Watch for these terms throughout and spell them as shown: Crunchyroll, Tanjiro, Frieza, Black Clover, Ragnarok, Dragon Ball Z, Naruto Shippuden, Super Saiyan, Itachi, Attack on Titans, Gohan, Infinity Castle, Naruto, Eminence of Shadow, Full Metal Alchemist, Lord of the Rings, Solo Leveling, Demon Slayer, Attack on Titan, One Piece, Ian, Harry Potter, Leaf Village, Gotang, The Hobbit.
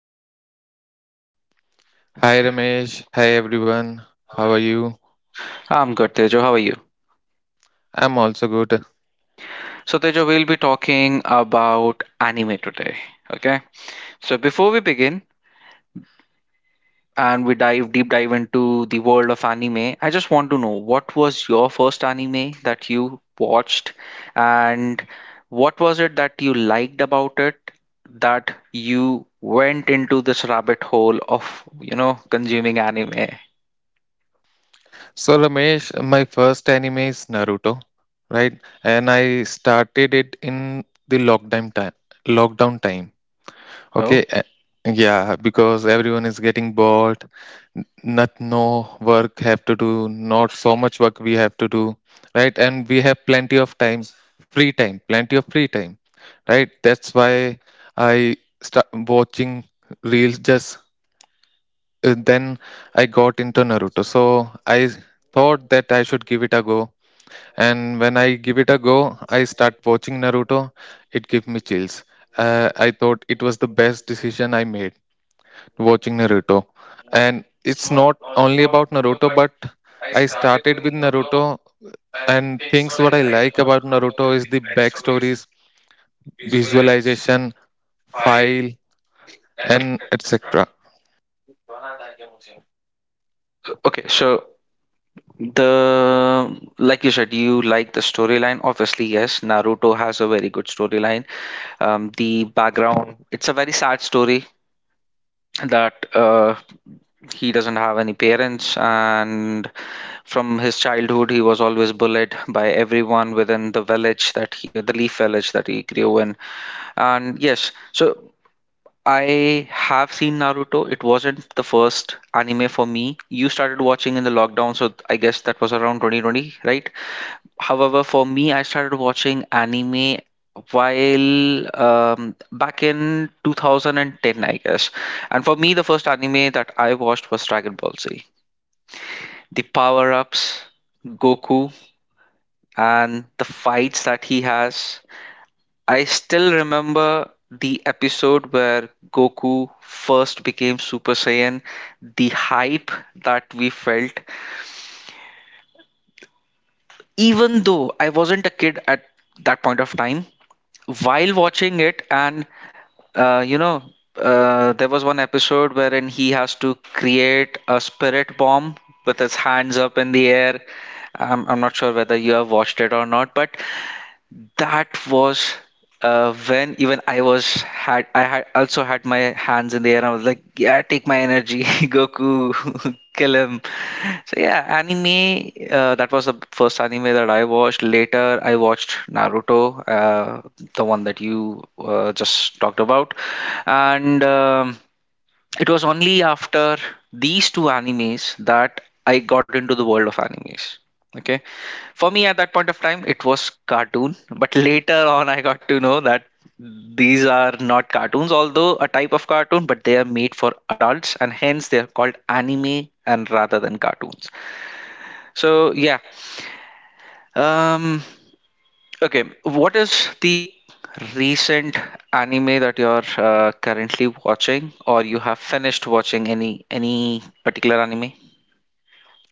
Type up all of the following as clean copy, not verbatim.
Tejo. Hi Ramesh, hi everyone. How are you? I'm good, Tejo. How are you? I'm also good. So, Tejo, we'll be talking about anime today. Okay. So, before we begin, and we dive deep dive into the world of anime, I just want to know what was your first anime that you watched and what was it that you liked about it that you went into this rabbit hole of, consuming anime? So Ramesh, my first anime is Naruto, right? And I started it in the lockdown time. Lockdown time. Okay. Oh. Yeah, because everyone is getting bored. Not no work have to do. Not so much work we have to do, right? And we have plenty of time, free time, plenty of free time, right, that's why I start watching reels. Just Then I got into Naruto. So I thought that I should give it a go. And when I give it a go, I start watching Naruto. It gave me chills. I thought it was the best decision I made watching Naruto. And it's not only about Naruto, but I started with Naruto. And things what I like about Naruto is the backstories, visualization, file, and etc. Okay, so the like you said, you like the storyline. Obviously, yes, Naruto has a very good storyline. The background, it's a very sad story that. He doesn't have any parents, and from his childhood, he was always bullied by everyone within the village that the Leaf Village that he grew in. And yes, so I have seen Naruto. It wasn't the first anime for me. You started watching in the lockdown, so I guess that was around 2020, right? However, for me, I started watching anime while back in 2010, I guess. And for me, the first anime that I watched was Dragon Ball Z, the power ups, Goku, and the fights that he has. I still remember the episode where Goku first became Super Saiyan, the hype that we felt. Even though I wasn't a kid at that point of time, while watching it, and uh, you know there was one episode wherein he has to create a spirit bomb with his hands up in the air. I'm not sure whether you have watched it or not, but that was when even I had also had my hands in the air. I was like, yeah, take my energy, Goku, kill him. So yeah, anime. That was the first anime that I watched. Later, I watched Naruto, the one that you just talked about. And. It was only after these two animes that I got into the world of animes. Okay, for me at that point of time, it was cartoon, but later on, I got to know that these are not cartoons, although a type of cartoon, but they are made for adults and hence they are called anime and rather than cartoons. So, um, okay, what is the recent anime that you're currently watching, or you have finished watching any particular anime?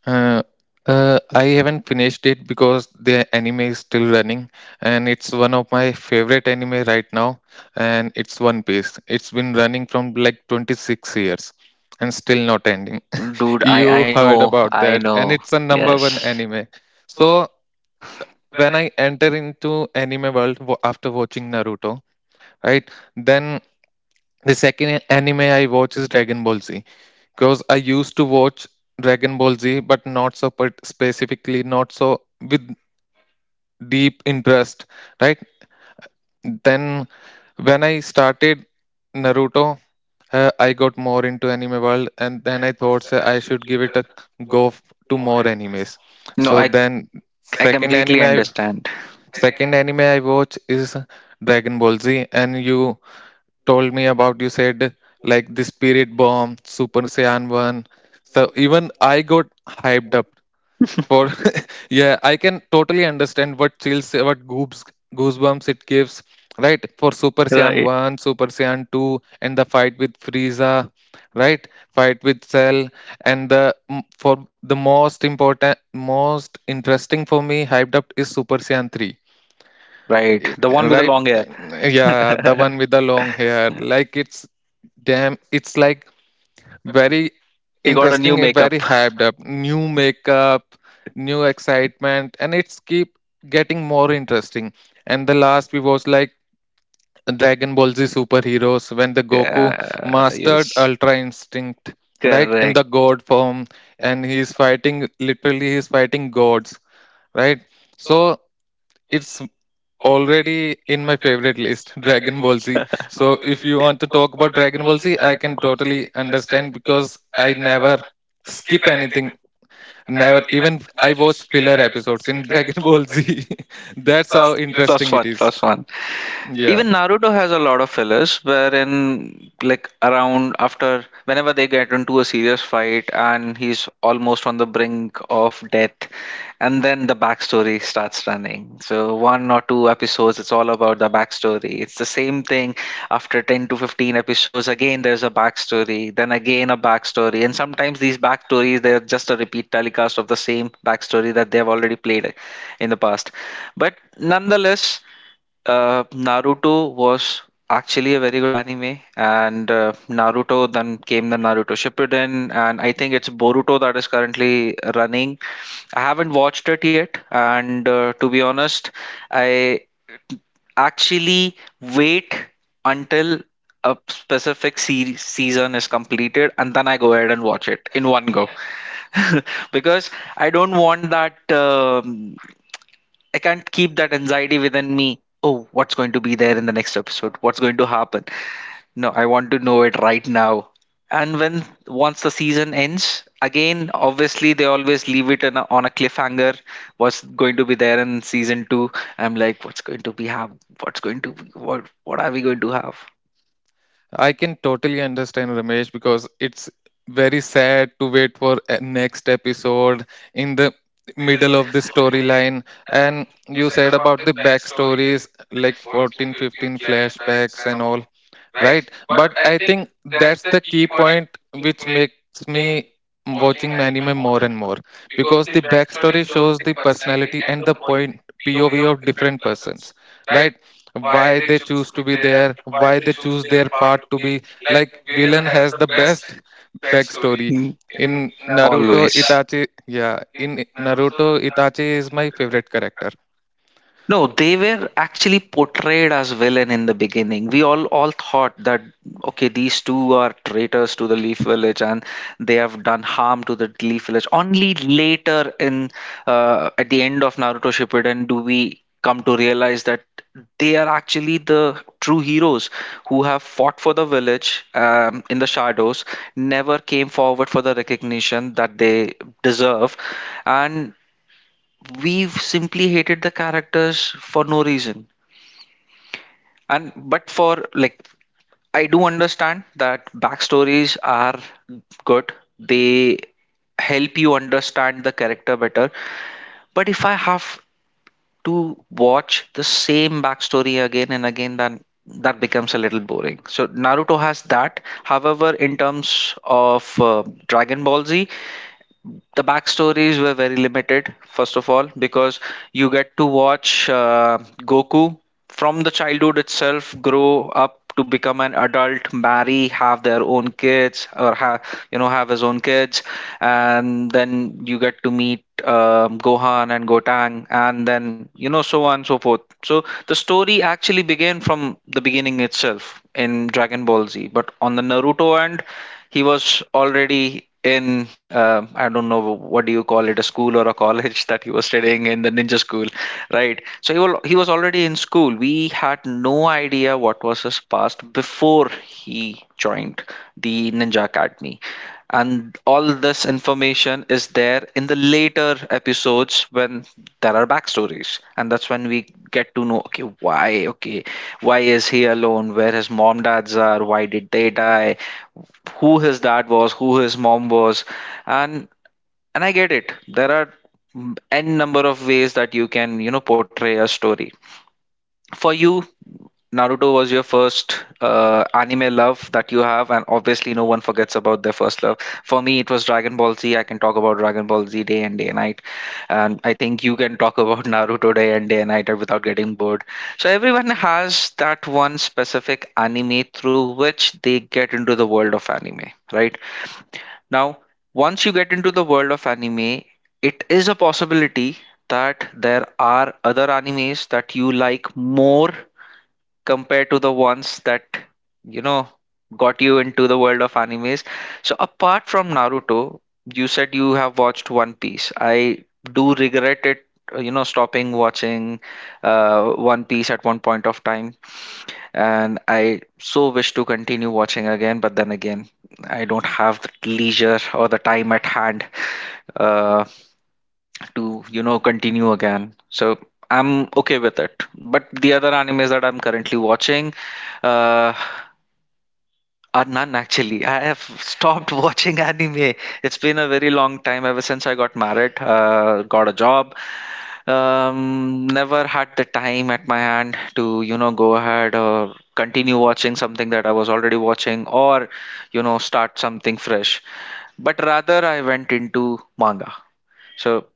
Uh, I haven't finished it because the anime is still running, and it's one of my favorite anime right now, and it's One Piece. It's been running from like 26 years and still not ending Dude, I know, about I that, and know. it's a number one Yes. anime. So when I enter into anime world after watching Naruto, right, then the second anime I watch is Dragon Ball Z because I used to watch Dragon Ball Z, but not so specifically, not so with deep interest, right? Then when I started Naruto, I got more into anime world, and then I thought, "Sir, I should give it a go to more animes." No, So then I second an- completely understand. second anime I watch is Dragon Ball Z. And you told me about you said like the spirit bomb, super saiyan 1, so even I got hyped up for. Yeah, I can totally understand what chills, what goobs goosebumps it gives, right? For super saiyan Right. 1, super saiyan 2, and the fight with Frieza, right, fight with Cell, and the m- for the most important, most interesting for me, hyped up is super saiyan 3, Right. The one with the right? long hair. And yeah, one with the long hair, like it's damn, it's like very, He got a new thing is very makeup. hyped up. New makeup, new excitement, and it's keep getting more interesting. And the last we was like Dragon Ball Z Superheroes, when the Goku Yeah, mastered yes. ultra instinct, Correct. the god form, and he's fighting, literally he's fighting gods, right? So it's already in my favorite list. Dragon Ball Z. So if you want to talk about Dragon Ball Z, I can totally understand because I never anything. Never. Even I watched filler episodes in Dragon Ball Z. That's how Plus interesting. one, plus one. Yeah. Even Naruto has a lot of fillers, wherein like around after whenever they get into a serious fight and he's almost on the brink of death, and then the backstory starts running. So one or two episodes, it's all about the backstory. It's the same thing after 10 to 15 episodes. Again, there's a backstory, then again a backstory, and sometimes these backstories, they're just a repeat telecast of the same backstory that they have already played in the past. But nonetheless, Naruto was actually a very good anime, and Naruto. Then came the Naruto Shippuden, and I think it's Boruto that is currently running. I haven't watched it yet, and to be honest, I actually wait until a specific series season is completed, and then I go ahead and watch it in one go, because I don't want that. I can't keep that anxiety within me. Oh, what's going to be there in the next episode? What's going to happen? No, I want to know it right now. And when once the season ends, again, obviously they always leave it on a cliffhanger. What's going to be there in season two? I'm like, what's going to be have? What's going to be, what? What are we going to have? I can totally understand, Ramesh, because it's very sad to wait for a next episode in the middle of the storyline. And you said about the backstories, like 14, 15 flashbacks and all, right? But I think that's the key point which makes me watching anime more and more, because the backstory shows the personality and the point POV of different persons, right? Why they choose to be there, why they choose their part to be, like villain has the best backstory. Mm. in naruto Always. itachi yeah in naruto itachi is my favorite character. No, they were actually portrayed as villain in the beginning. We all thought that okay, these two are traitors to the Leaf Village and they have done harm to the Leaf Village. Only later in, at the end of Naruto Shippuden, do we come to realize that they are actually the true heroes who have fought for the village in the shadows, never came forward for the recognition that they deserve, and we've simply hated the characters for no reason. And but For like, I do understand that backstories are good, they help you understand the character better. But if I have to watch the same backstory again and again, then that becomes a little boring. So Naruto has that. However, in terms of Dragon Ball Z, the backstories were very limited, first of all, because you get to watch Goku from the childhood itself grow up to become an adult, marry, have their own kids, or have, have his own kids. And then you get to meet Gohan and Gotang, and then, so on and so forth. So the story actually began from the beginning itself in Dragon Ball Z. But on the Naruto end, he was already in, I don't know what do you call it, a school or a college, that he was studying in the ninja school, right? So he was already in school. We had no idea what was his past before he joined the ninja academy, and all this information is there in the later episodes when there are backstories, and that's when we get to know okay why, okay why is he alone, where his mom dads are, why did they die, who his dad was, who his mom was, and and I get it. There are n number of ways that you can, portray a story. For you, Naruto was your first anime love that you have, and obviously no one forgets about their first love. For me, it was Dragon Ball Z. I can talk about Dragon Ball Z day and day and night, and I think you can talk about Naruto day and day and night without getting bored. So everyone has that one specific anime through which they get into the world of anime, right? Now, once you get into the world of anime, it is a possibility that there are other animes that you like more compared to the ones that, you know, got you into the world of animes. So, apart from Naruto, you said you have watched One Piece. I do regret it, stopping watching One Piece at one point of time, and I so wish to continue watching again, but then again, I don't have the leisure or the time at hand uh, to, continue again. So I'm okay with it. But the other animes that I'm currently watching, uh, none actually. I have stopped watching anime. It's been a very long time ever since I got married, got a job. Never had the time at my hand to, go ahead or continue watching something that I was already watching or, start something fresh. But rather, I went into manga. So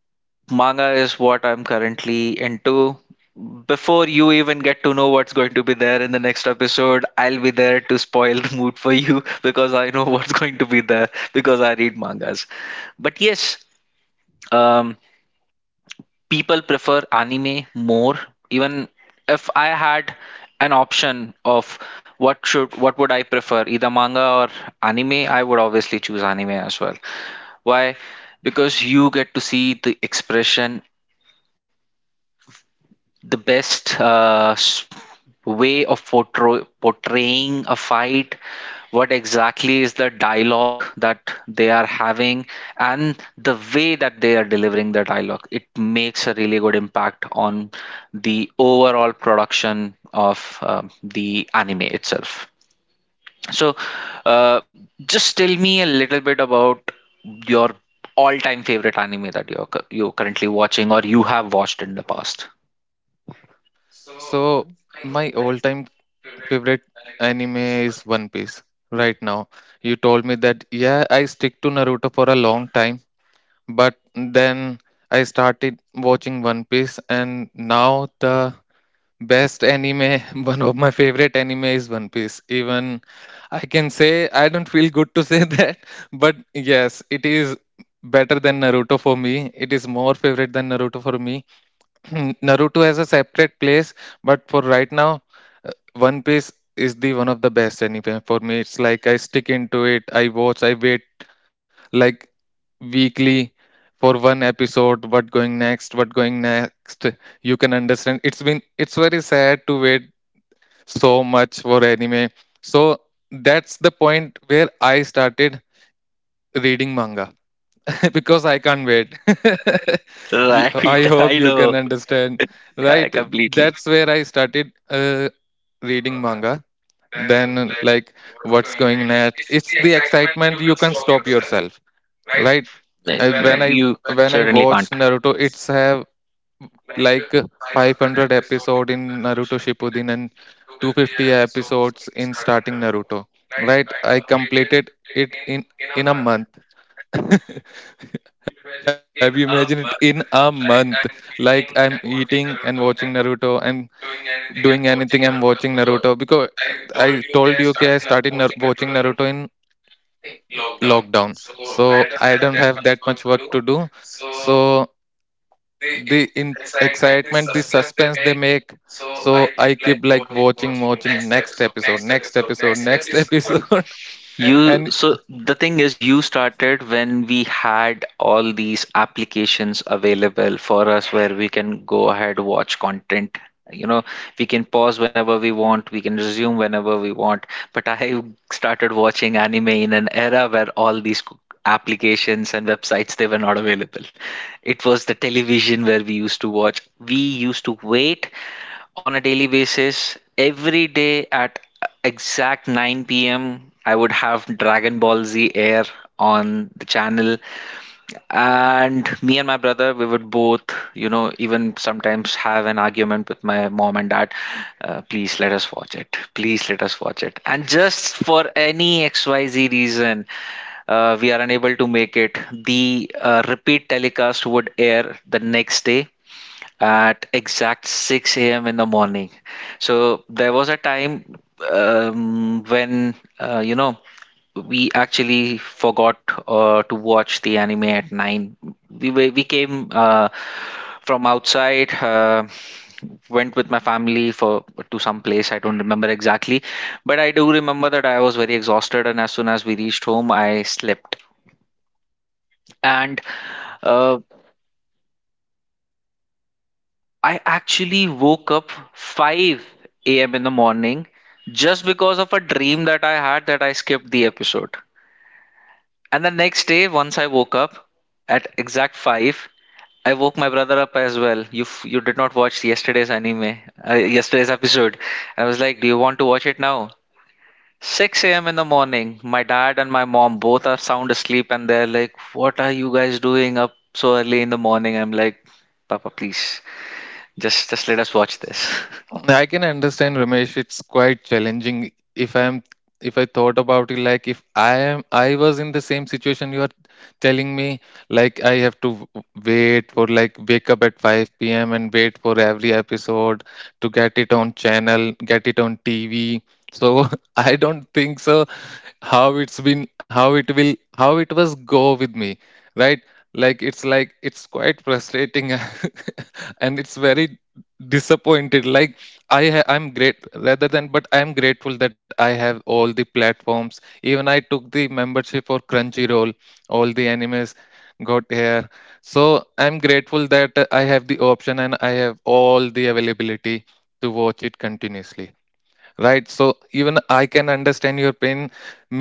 manga is what I'm currently into. Before you even get to know what's going to be there in the next episode, I'll be there to spoil the mood for you because I know what's going to be there because I read mangas. But yes, um, people prefer anime more. Even if I had an option of what would I prefer, either manga or anime, I would obviously choose anime as well. Why? Because you get to see the expression, the best way of portraying a fight, what exactly is the dialogue that they are having, and the way that they are delivering the dialogue. It makes a really good impact on the overall production of the anime itself. So uh, just tell me a little bit about your all-time favorite anime that you're you're currently watching or you have watched in the past. So my all time favorite anime is One Piece right now. You told me that, yeah, I stick to Naruto for a long time, but then I started watching One Piece, and now the best anime, one of my favorite anime is One Piece. Even I can say, I don't feel good to say that, but yes, it is better than Naruto for me. It is more favorite than Naruto for me. Naruto has a separate place, but for right now, One Piece is the one of the best anime for me. It's like I stick into it. I watch. I wait like weekly for one episode. What going next? What going next? You can understand. It's been. It's very sad to wait so much for anime. So that's the point where I started reading manga because I can't wait. Right. I hope I you know. can understand, I right? completely. That's where I started reading manga. Then like what's going next, it's the excitement, you can stop yourself, right? Like. Uh, when i You when I certainly can't. watch Naruto, it's have like 500 episode in Naruto Shippuden and 250 episodes in starting Naruto, right? I completed it in a month. Have you imagined it? In a month, like I'm eating and watching Naruto and doing anything, I'm watching Naruto, because I told you, okay, I started watching Naruto in lockdown. So I don't have that much work to do. So the in excitement, the suspense they make, so I keep like watching, watching next episode, next episode, next episode. You, And so the thing is, you started when we had all these applications available for us where we can go ahead, watch content, you know we can pause whenever we want, we can resume whenever we want. But I started watching anime in an era where all these applications and websites, they were not available. It was the television where we used to watch. We used to wait on a daily basis. Every day at exact 9 p.m., I would have Dragon Ball Z air on the channel. And me and my brother, we would both, even sometimes have an argument with my mom and dad. Please let us watch it. Please let us watch it. And just for any XYZ reason, we are unable to make it. The repeat telecast would air the next day, at exact 6 a.m. in the morning. So there was a time um, when, uh, you know, we actually forgot to watch the anime at 9. We came from outside. Went with my family for to some place. I don't remember exactly, but I do remember that I was very exhausted, and as soon as we reached home I slept. And uh, I actually woke up 5 a.m. in the morning just because of a dream that I had that I skipped the episode. And the next day, once I woke up at exact 5, I woke my brother up as well. You did not watch yesterday's anime, yesterday's episode. And I was like, do you want to watch it now? 6 a.m. in the morning, my dad and my mom both are sound asleep, and they're like, what are you guys doing up so early in the morning? I'm like, Papa, please, just let us watch this. yeah, I can understand, Ramesh. It's quite challenging. If I thought about it, like if I was in the same situation you are telling me, like I have to wait for, like, wake up at 5 p.m. and wait for every episode to get it on channel, get it on TV. So I don't think so how it's been, how it will, how it was go with me, right? Like it's like it's quite frustrating and it's very disappointed. Like I'm great rather than, but I am grateful that I have all the platforms. Even I took the membership for Crunchyroll. All the animes got here, so I'm grateful that I have the option and I have all the availability to watch it continuously, right? So even I can understand your pain.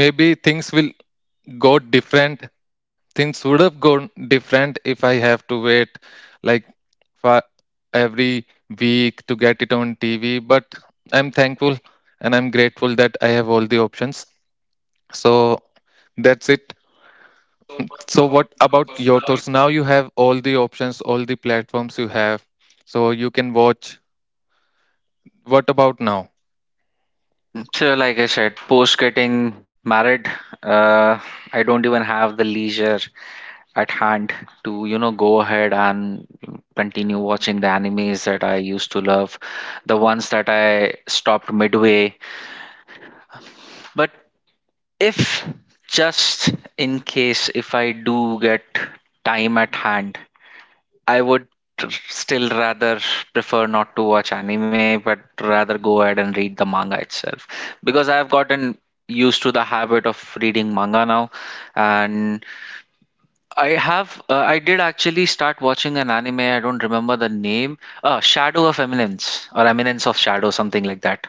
Maybe things will go different Things would have gone different if I have to wait like for every week to get it on TV. But I'm thankful and I'm grateful that I have all the options. So that's it. So what about your thoughts? Now you have all the options, all the platforms you have, so you can watch. What about now? So, like I said, post getting married, uh, I don't even have the leisure at hand to, you know, go ahead and continue watching the animes that I used to love, the ones that I stopped midway. But if just in case, if I do get time at hand, I would still rather prefer not to watch anime, but rather go ahead and read the manga itself because I have gotten used to the habit of reading manga now, and I have. I did actually start watching an anime. I don't remember the name. Shadow of Eminence or Eminence of Shadow, something like that.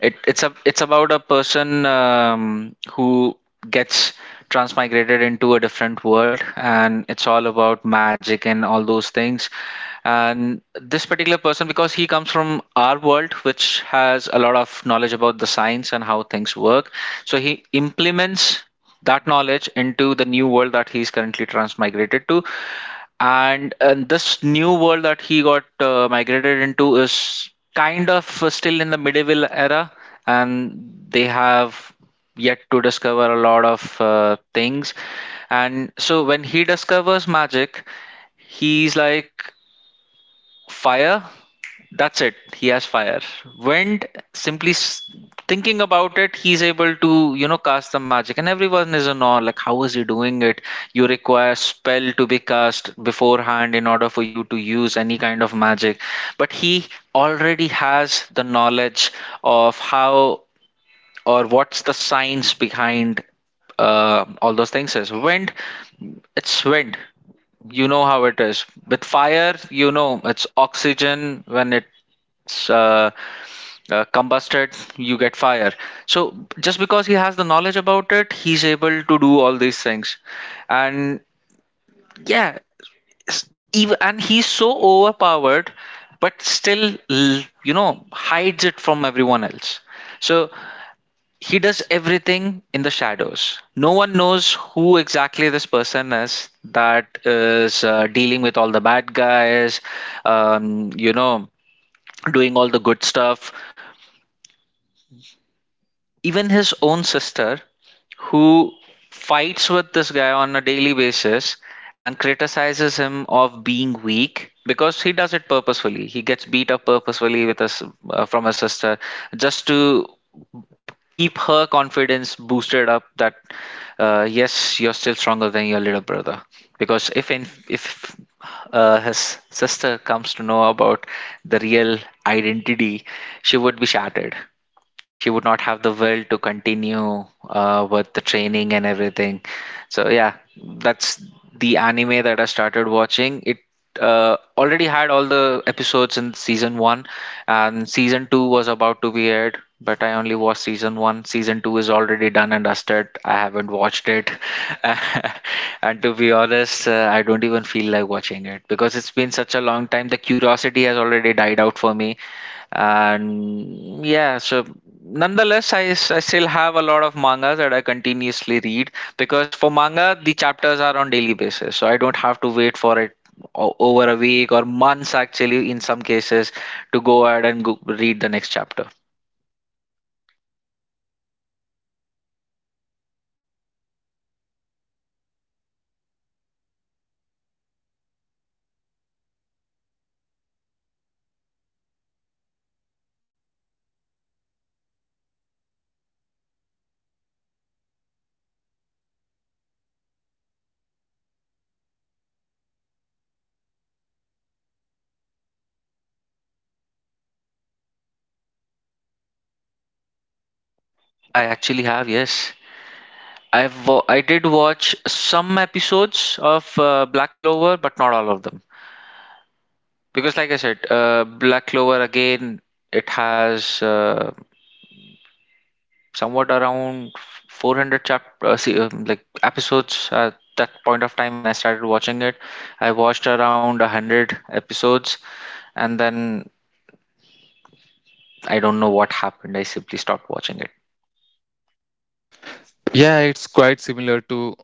It, it's a. It's about a person who gets transmigrated into a different world, and it's all about magic and all those things. And this particular person, because he comes from our world, which has a lot of knowledge about the science and how things work, so he implements that knowledge into the new world that he is currently transmigrated to, and this new world that he got migrated into is kind of still in the medieval era, and they have yet to discover a lot of things. And so when he discovers magic, he's like, fire. That's it. He has fire. When simply s- thinking about it, he's able to, you know, cast the magic, and everyone is in awe. Like, how is he doing it? You require spell to be cast beforehand in order for you to use any kind of magic, but he already has the knowledge of how, or what's the science behind all those things. Is wind, it's wind. You know how it is with fire, you know it's oxygen. When it's combusted, you get fire. So just because he has the knowledge about it, he's able to do all these things. And yeah, and he's so overpowered, but still you know, hides it from everyone else. So he does everything in the shadows. No one knows who exactly this person is that is dealing with all the bad guys, you know, doing all the good stuff. Even his own sister, who fights with this guy on a daily basis and criticizes him of being weak, because he does it purposefully. He gets beat up purposefully with us from his sister, just to keep her confidence boosted up, that yes, you're still stronger than your little brother. Because if his sister comes to know about the real identity, she would be shattered. She would not have the will to continue with the training and everything. So yeah, that's the anime that I started watching. It already had all the episodes in season one, and season two was about to be aired, but I only watched season one. Season two is already done and dusted. I haven't watched it, and to be honest, I don't even feel like watching it because it's been such a long time. The curiosity has already died out for me. And yeah, so nonetheless, I still have a lot of mangas that I continuously read, because for manga the chapters are on daily basis, so I don't have to wait for it over a week or months, actually, in some cases, to go ahead and go read the next chapter. I actually have, yes, I did watch some episodes of Black Clover, but not all of them, because like I said, Black Clover again, it has somewhat around 400 like episodes at that point of time. When I started watching it, I watched around 100 episodes, and then I don't know what happened. I simply stopped watching it. Yeah, it's quite similar to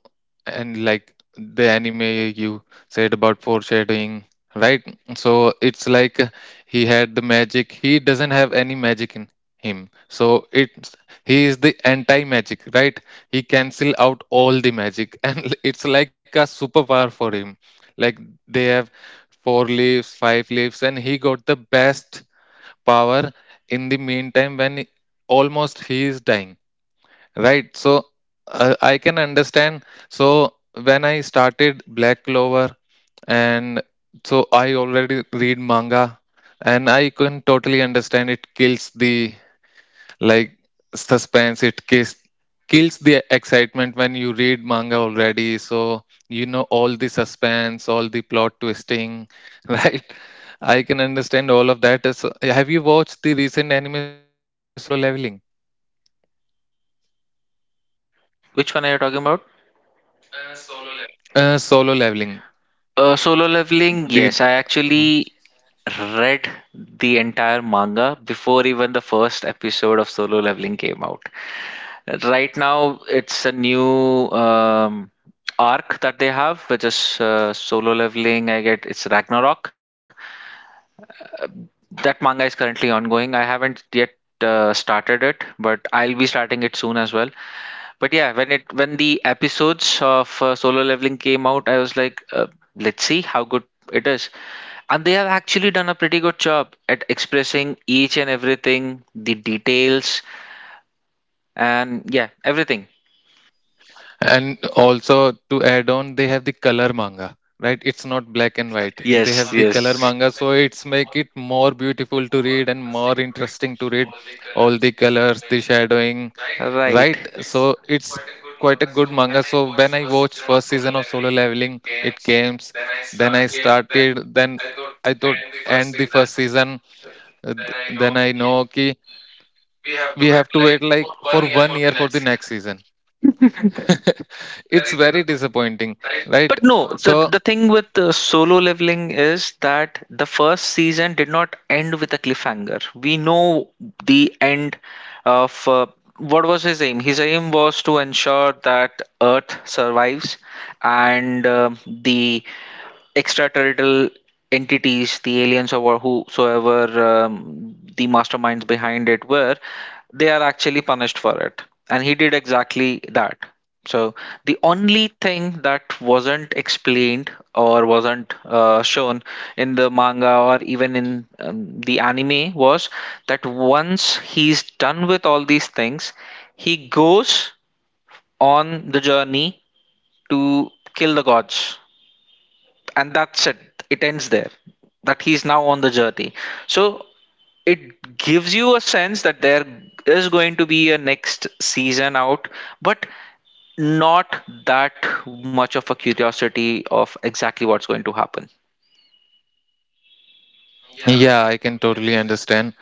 and like the anime you said about foreshadowing, right? So it's like, he had the magic. He doesn't have any magic in him. So it's he is the anti-magic, right? He cancel out all the magic and it's like a superpower for him. Like they have four leaves, five leaves, and he got the best power in the meantime when almost he is dying. Right. So I can understand. So when I started Black Clover, and so I already read manga, and I can totally understand it kills the, like, suspense. It kills Kills the excitement when you read manga already. So you know all the suspense, all the plot twisting, right? I can understand all of that. So, have you watched the recent anime Solo Leveling? Which one are you talking about? Solo Leveling. Solo leveling, The. yes, I actually read the entire manga before even the first episode of Solo Leveling came out. Right now, it's a new arc that they have, which is Solo Leveling. I get it's Ragnarok. That manga is currently ongoing. I haven't yet started it, but I'll be starting it soon as well. But yeah, when the episodes of Solo Leveling came out, I was like, let's see how good it is. And they have actually done a pretty good job at expressing each and everything, the details, and yeah, everything. And also to add on, they have the color manga, right? It's not black and white. They Yes, have the yes. color manga, so it's make it more beautiful to read and more interesting to read. All the colors, the shadowing. Right. So it's quite a good manga. So when I watched first season of Solo Leveling, it came. Then I started. Then I thought end the first season. Then I know, okay, we have to wait like for 1 year for the next season. It's very disappointing, But right? no, the So thing with Solo Leveling is that the first season did not end with a cliffhanger. We know the end of what was his aim. His aim was to ensure that Earth survives, and the extraterrestrial entities, the aliens or whosoever the masterminds behind it were, they are actually punished for it. And he did exactly that. So the only thing that wasn't explained or wasn't shown in the manga or even in the anime was that once he's done with all these things, he goes on the journey to kill the gods, and that's it, it ends there. That he's now on the journey. So it gives you a sense that there is going to be a next season out, but not that much of a curiosity of exactly what's going to happen. yeah, I can totally understand,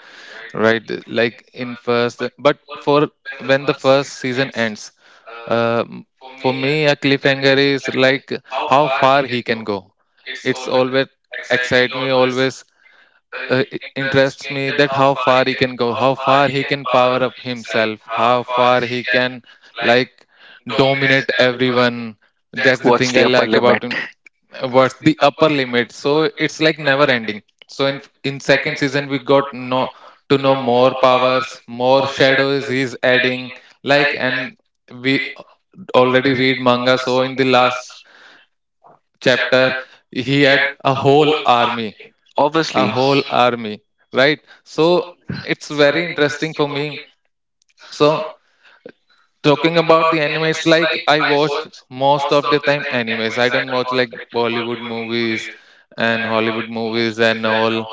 right? Like in first, but for when the first season ends, um, for me, a cliffhanger is like how far he can go. It's always excite me, always interests me that how far he can go, how far he can power up himself, how far he can, like, dominate everyone. That's the What's thing the I upper like about limit. him. What's the upper limit? So it's like never ending. So in second season we got no to know more powers, more shadows he's adding, like. And we already read manga, so in the last chapter he had a whole army, a Obviously. whole army, right? So it's very interesting for me. So talking about the animes, like I watched most of the time animes. I don't watch like Bollywood movies and Hollywood movies and all.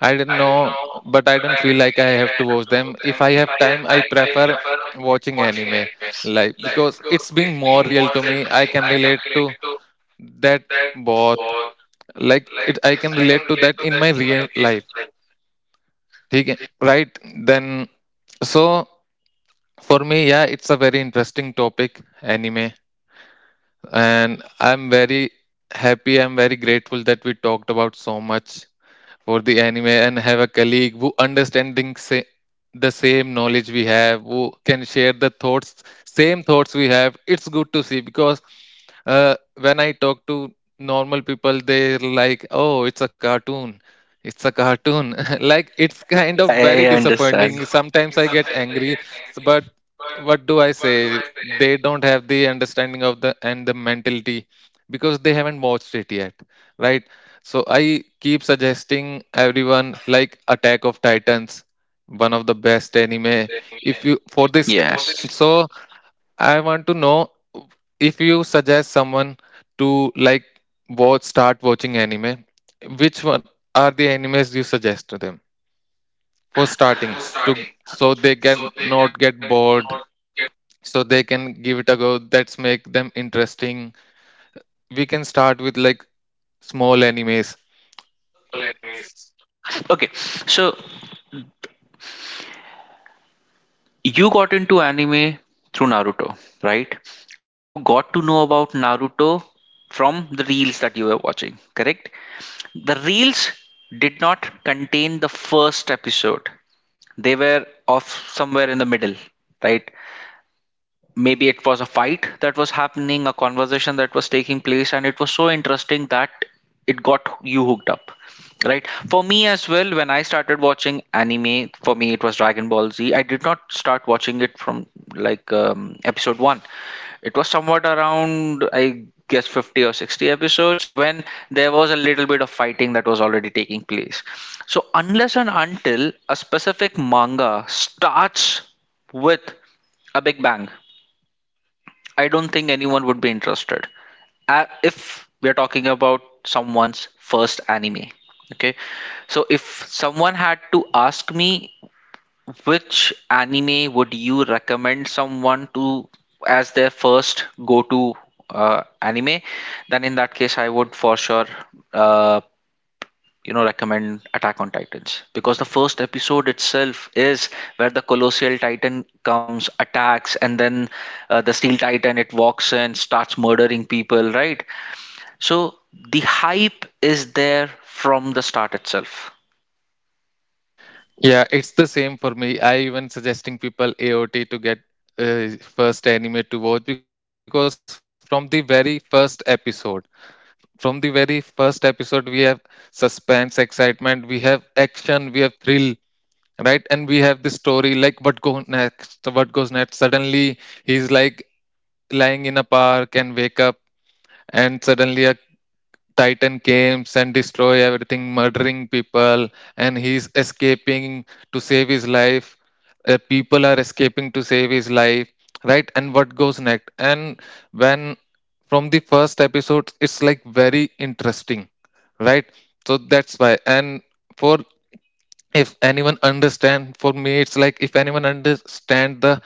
I don't know, but I don't feel like I have to watch them. If I have time, I prefer watching anime, like because it's being more real to me. I can relate to that both, like it. I can relate to that in my real life. ठीक है? Right? Then, so for me, yeah, it's a very interesting topic, anime, and I'm very happy. I'm very grateful that we talked about so much for the anime and have a colleague who understanding say, the same knowledge we have who can share the thoughts same thoughts we have. It's good to see because uh, when I talk to normal people, they're like, oh, it's a cartoon, it's a cartoon like it's kind of very disappointing. Sometimes I get angry, but what do I say? They don't have the understanding of the and the mentality because they haven't watched it yet, right? So I keep suggesting everyone like Attack of Titans, one of the best anime. If you for this, so Yes. I want to know, if you suggest someone to like watch start watching anime, which one are the animes you suggest to them for starting to so they can not get bored, so they can give it a go. That's make them interesting. We can start with like small animes. Okay, so you got into anime through Naruto, right? And you got to know about Naruto from the reels that you were watching, correct? The reels did not contain the first episode, they were of somewhere in the middle, right? Maybe it was a fight that was happening, a conversation that was taking place, and it was so interesting that it got you hooked up. Right? For me as well, when I started watching anime, for me it was Dragon Ball Z. I did not start watching it from like episode 1. It was somewhat around, I guess, 50 or 60 episodes, when there was a little bit of fighting that was already taking place. So, unless and until a specific manga starts with a big bang, I don't think anyone would be interested. If we're talking about someone's first anime, okay? So if someone had to ask me which anime would you recommend someone to as their first go-to anime, then in that case I would for sure, uh, you know, recommend Attack on Titans, because the first episode itself is where the colossal titan comes, attacks, and then the steel titan, it walks in, starts murdering people, right? So the hype is there from the start itself. Yeah, it's the same for me. I even suggesting people AOT to get first anime to watch because from the very first episode, from the very first episode, we have suspense, excitement, we have action, we have thrill, right? And we have the story like what goes next, what goes next. Suddenly, he's like lying in a park and wake up, and suddenly a titan comes and destroy everything murdering people and he's escaping to save his life, people are escaping to save his life, right? And what goes next, and when from the first episode it's like very interesting, right? So that's why. And for if anyone understand, for me it's like if anyone understand the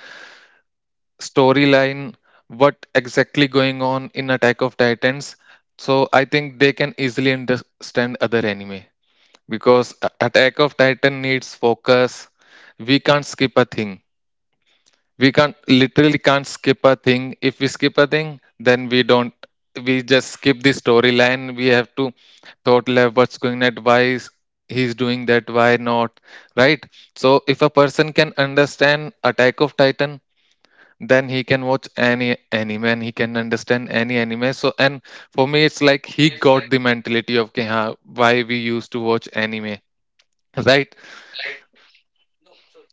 storyline, what exactly going on in Attack of Titans, so I think they can easily understand other anime, because Attack of Titan needs focus. We can't skip a thing, we can't literally can't skip a thing. If we skip a thing, then we don't, we just skip the storyline. We have to thought level what's going at, he's doing that, why not, right? So if a person can understand Attack of Titan, then he can watch any anime and he can understand any anime. So and for me it's like he got the mentality of "Okay, huh, why we used to watch anime," right?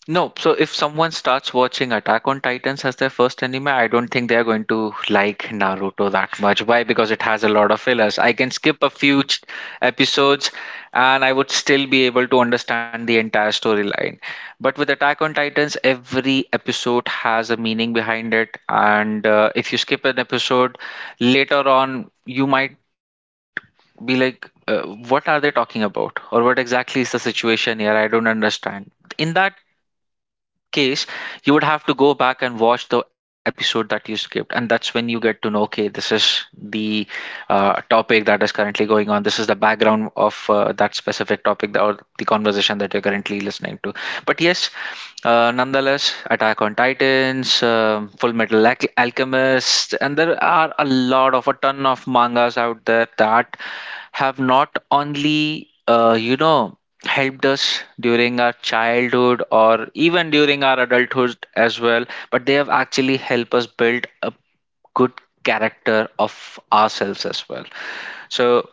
No, so if someone starts watching Attack on Titans as their first anime, I don't think they're going to like Naruto that much. Why? Because it has a lot of fillers. I can skip a few episodes and I would still be able to understand the entire storyline. But with Attack on Titans, every episode has a meaning behind it. And if you skip an episode later on, you might be like, what are they talking about? Or what exactly is the situation here? I don't understand. In that case, you would have to go back and watch the episode that you skipped, and that's when you get to know, okay, this is the topic that is currently going on. This is the background of that specific topic, that, or the conversation that you're currently listening to. But yes, nonetheless, Attack on Titans, Full Metal Alchemist, and there are a ton of mangas out there that have not only you know, helped us during our childhood or even during our adulthood as well, but they have actually helped us build a good character of ourselves as well. So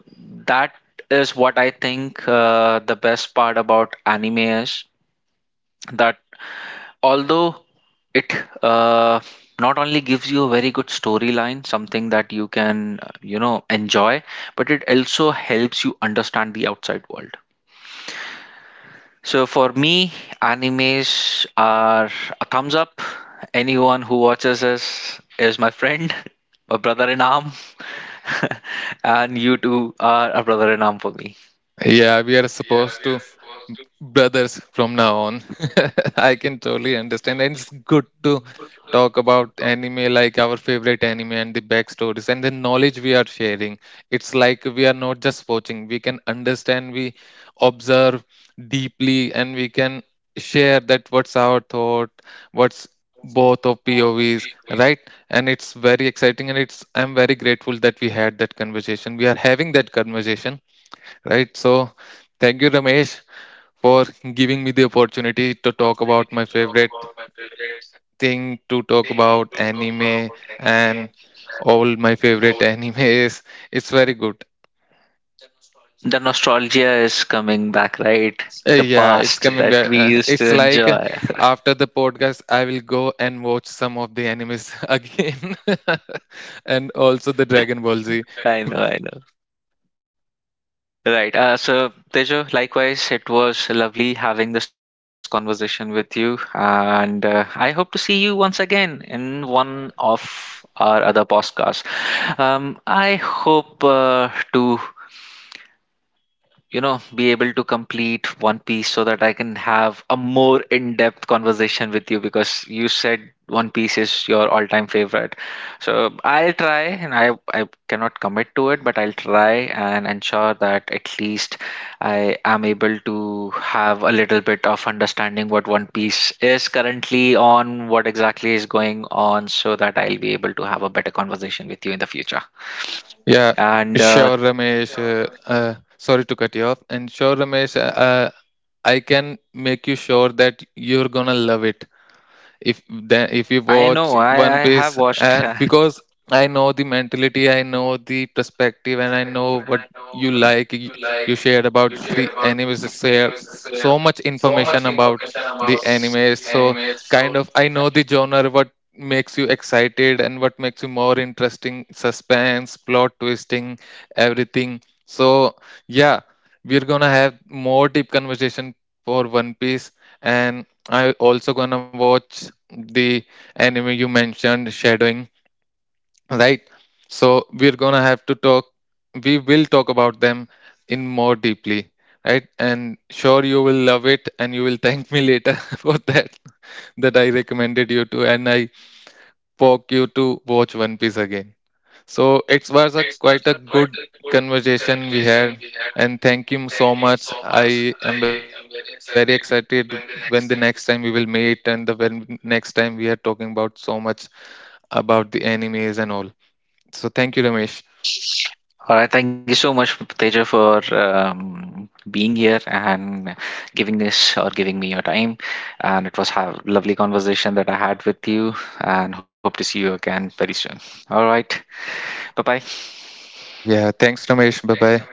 that is what I think, the best part about anime is that, although it, uh, not only gives you a very good storyline, something that you can, you know, enjoy, but it also helps you understand the outside world. So for me, animes are a thumbs up. Anyone who watches this is my friend, my brother in arm, and you two are a brother in arm for me. Yeah, we are supposed brothers from now on. I can totally understand. And it's good to talk about anime, like our favorite anime and the backstories and the knowledge we are sharing. It's like we are not just watching, we can understand, we observe deeply, and we can share that what's our thought, what's both of POVs, right? And it's very exciting, and it's I'm very grateful that we had that conversation. We are having that conversation, right? So thank you, Ramesh, for giving me the opportunity to talk about my favorite thing, to talk about anime and all my favorite anime is it's very good. The nostalgia is coming back, right? Uh, The past that we used to it's like enjoy. after the podcast I will go and watch some of the animes again and also the Dragon Ball Z. I know, I know. Right. So, Tejo, likewise, it was lovely having this conversation with you. And I hope to see you once again in one of our other podcasts. I hope to, you know, be able to complete One Piece, so that I can have a more in-depth conversation with you, because you said One Piece is your all-time favorite. So I'll try, and I cannot commit to it, but I'll try and ensure that at least I am able to have a little bit of understanding what One Piece is currently on, what exactly is going on, so that I'll be able to have a better conversation with you in the future. Yeah, And sure, Ramesh, uh, sorry to cut you off, and sure, Ramesh, I can make you sure that you're gonna love it if then if you I watch. know. I have watched. Because I know the mentality, I know the perspective, and I know what you like. You shared about the animes, you share so much information about the animes. So, kind of, I know the genre, what makes you excited, and what makes you more interesting suspense, plot twisting, everything. So, yeah, we're gonna have more deep conversation for One Piece, and I also gonna watch the anime you mentioned, Shadowing, right? So we're gonna have to talk, we will talk about them in more deeply, right? And sure you will love it and you will thank me later for that, that I recommended you to, and I poke you to watch One Piece again. So it was a quite a good conversation we had. And thank you so much, I am very excited when the next time we will meet, and the when next time we are talking about so much about the animes and all. So thank you, Ramesh. All right, thank you so much, Teja, for being here and giving this, or giving me your time. And it was a lovely conversation that I had with you, and hope to see you again very soon. All right, bye bye. Yeah, thanks, Ramesh. Bye bye.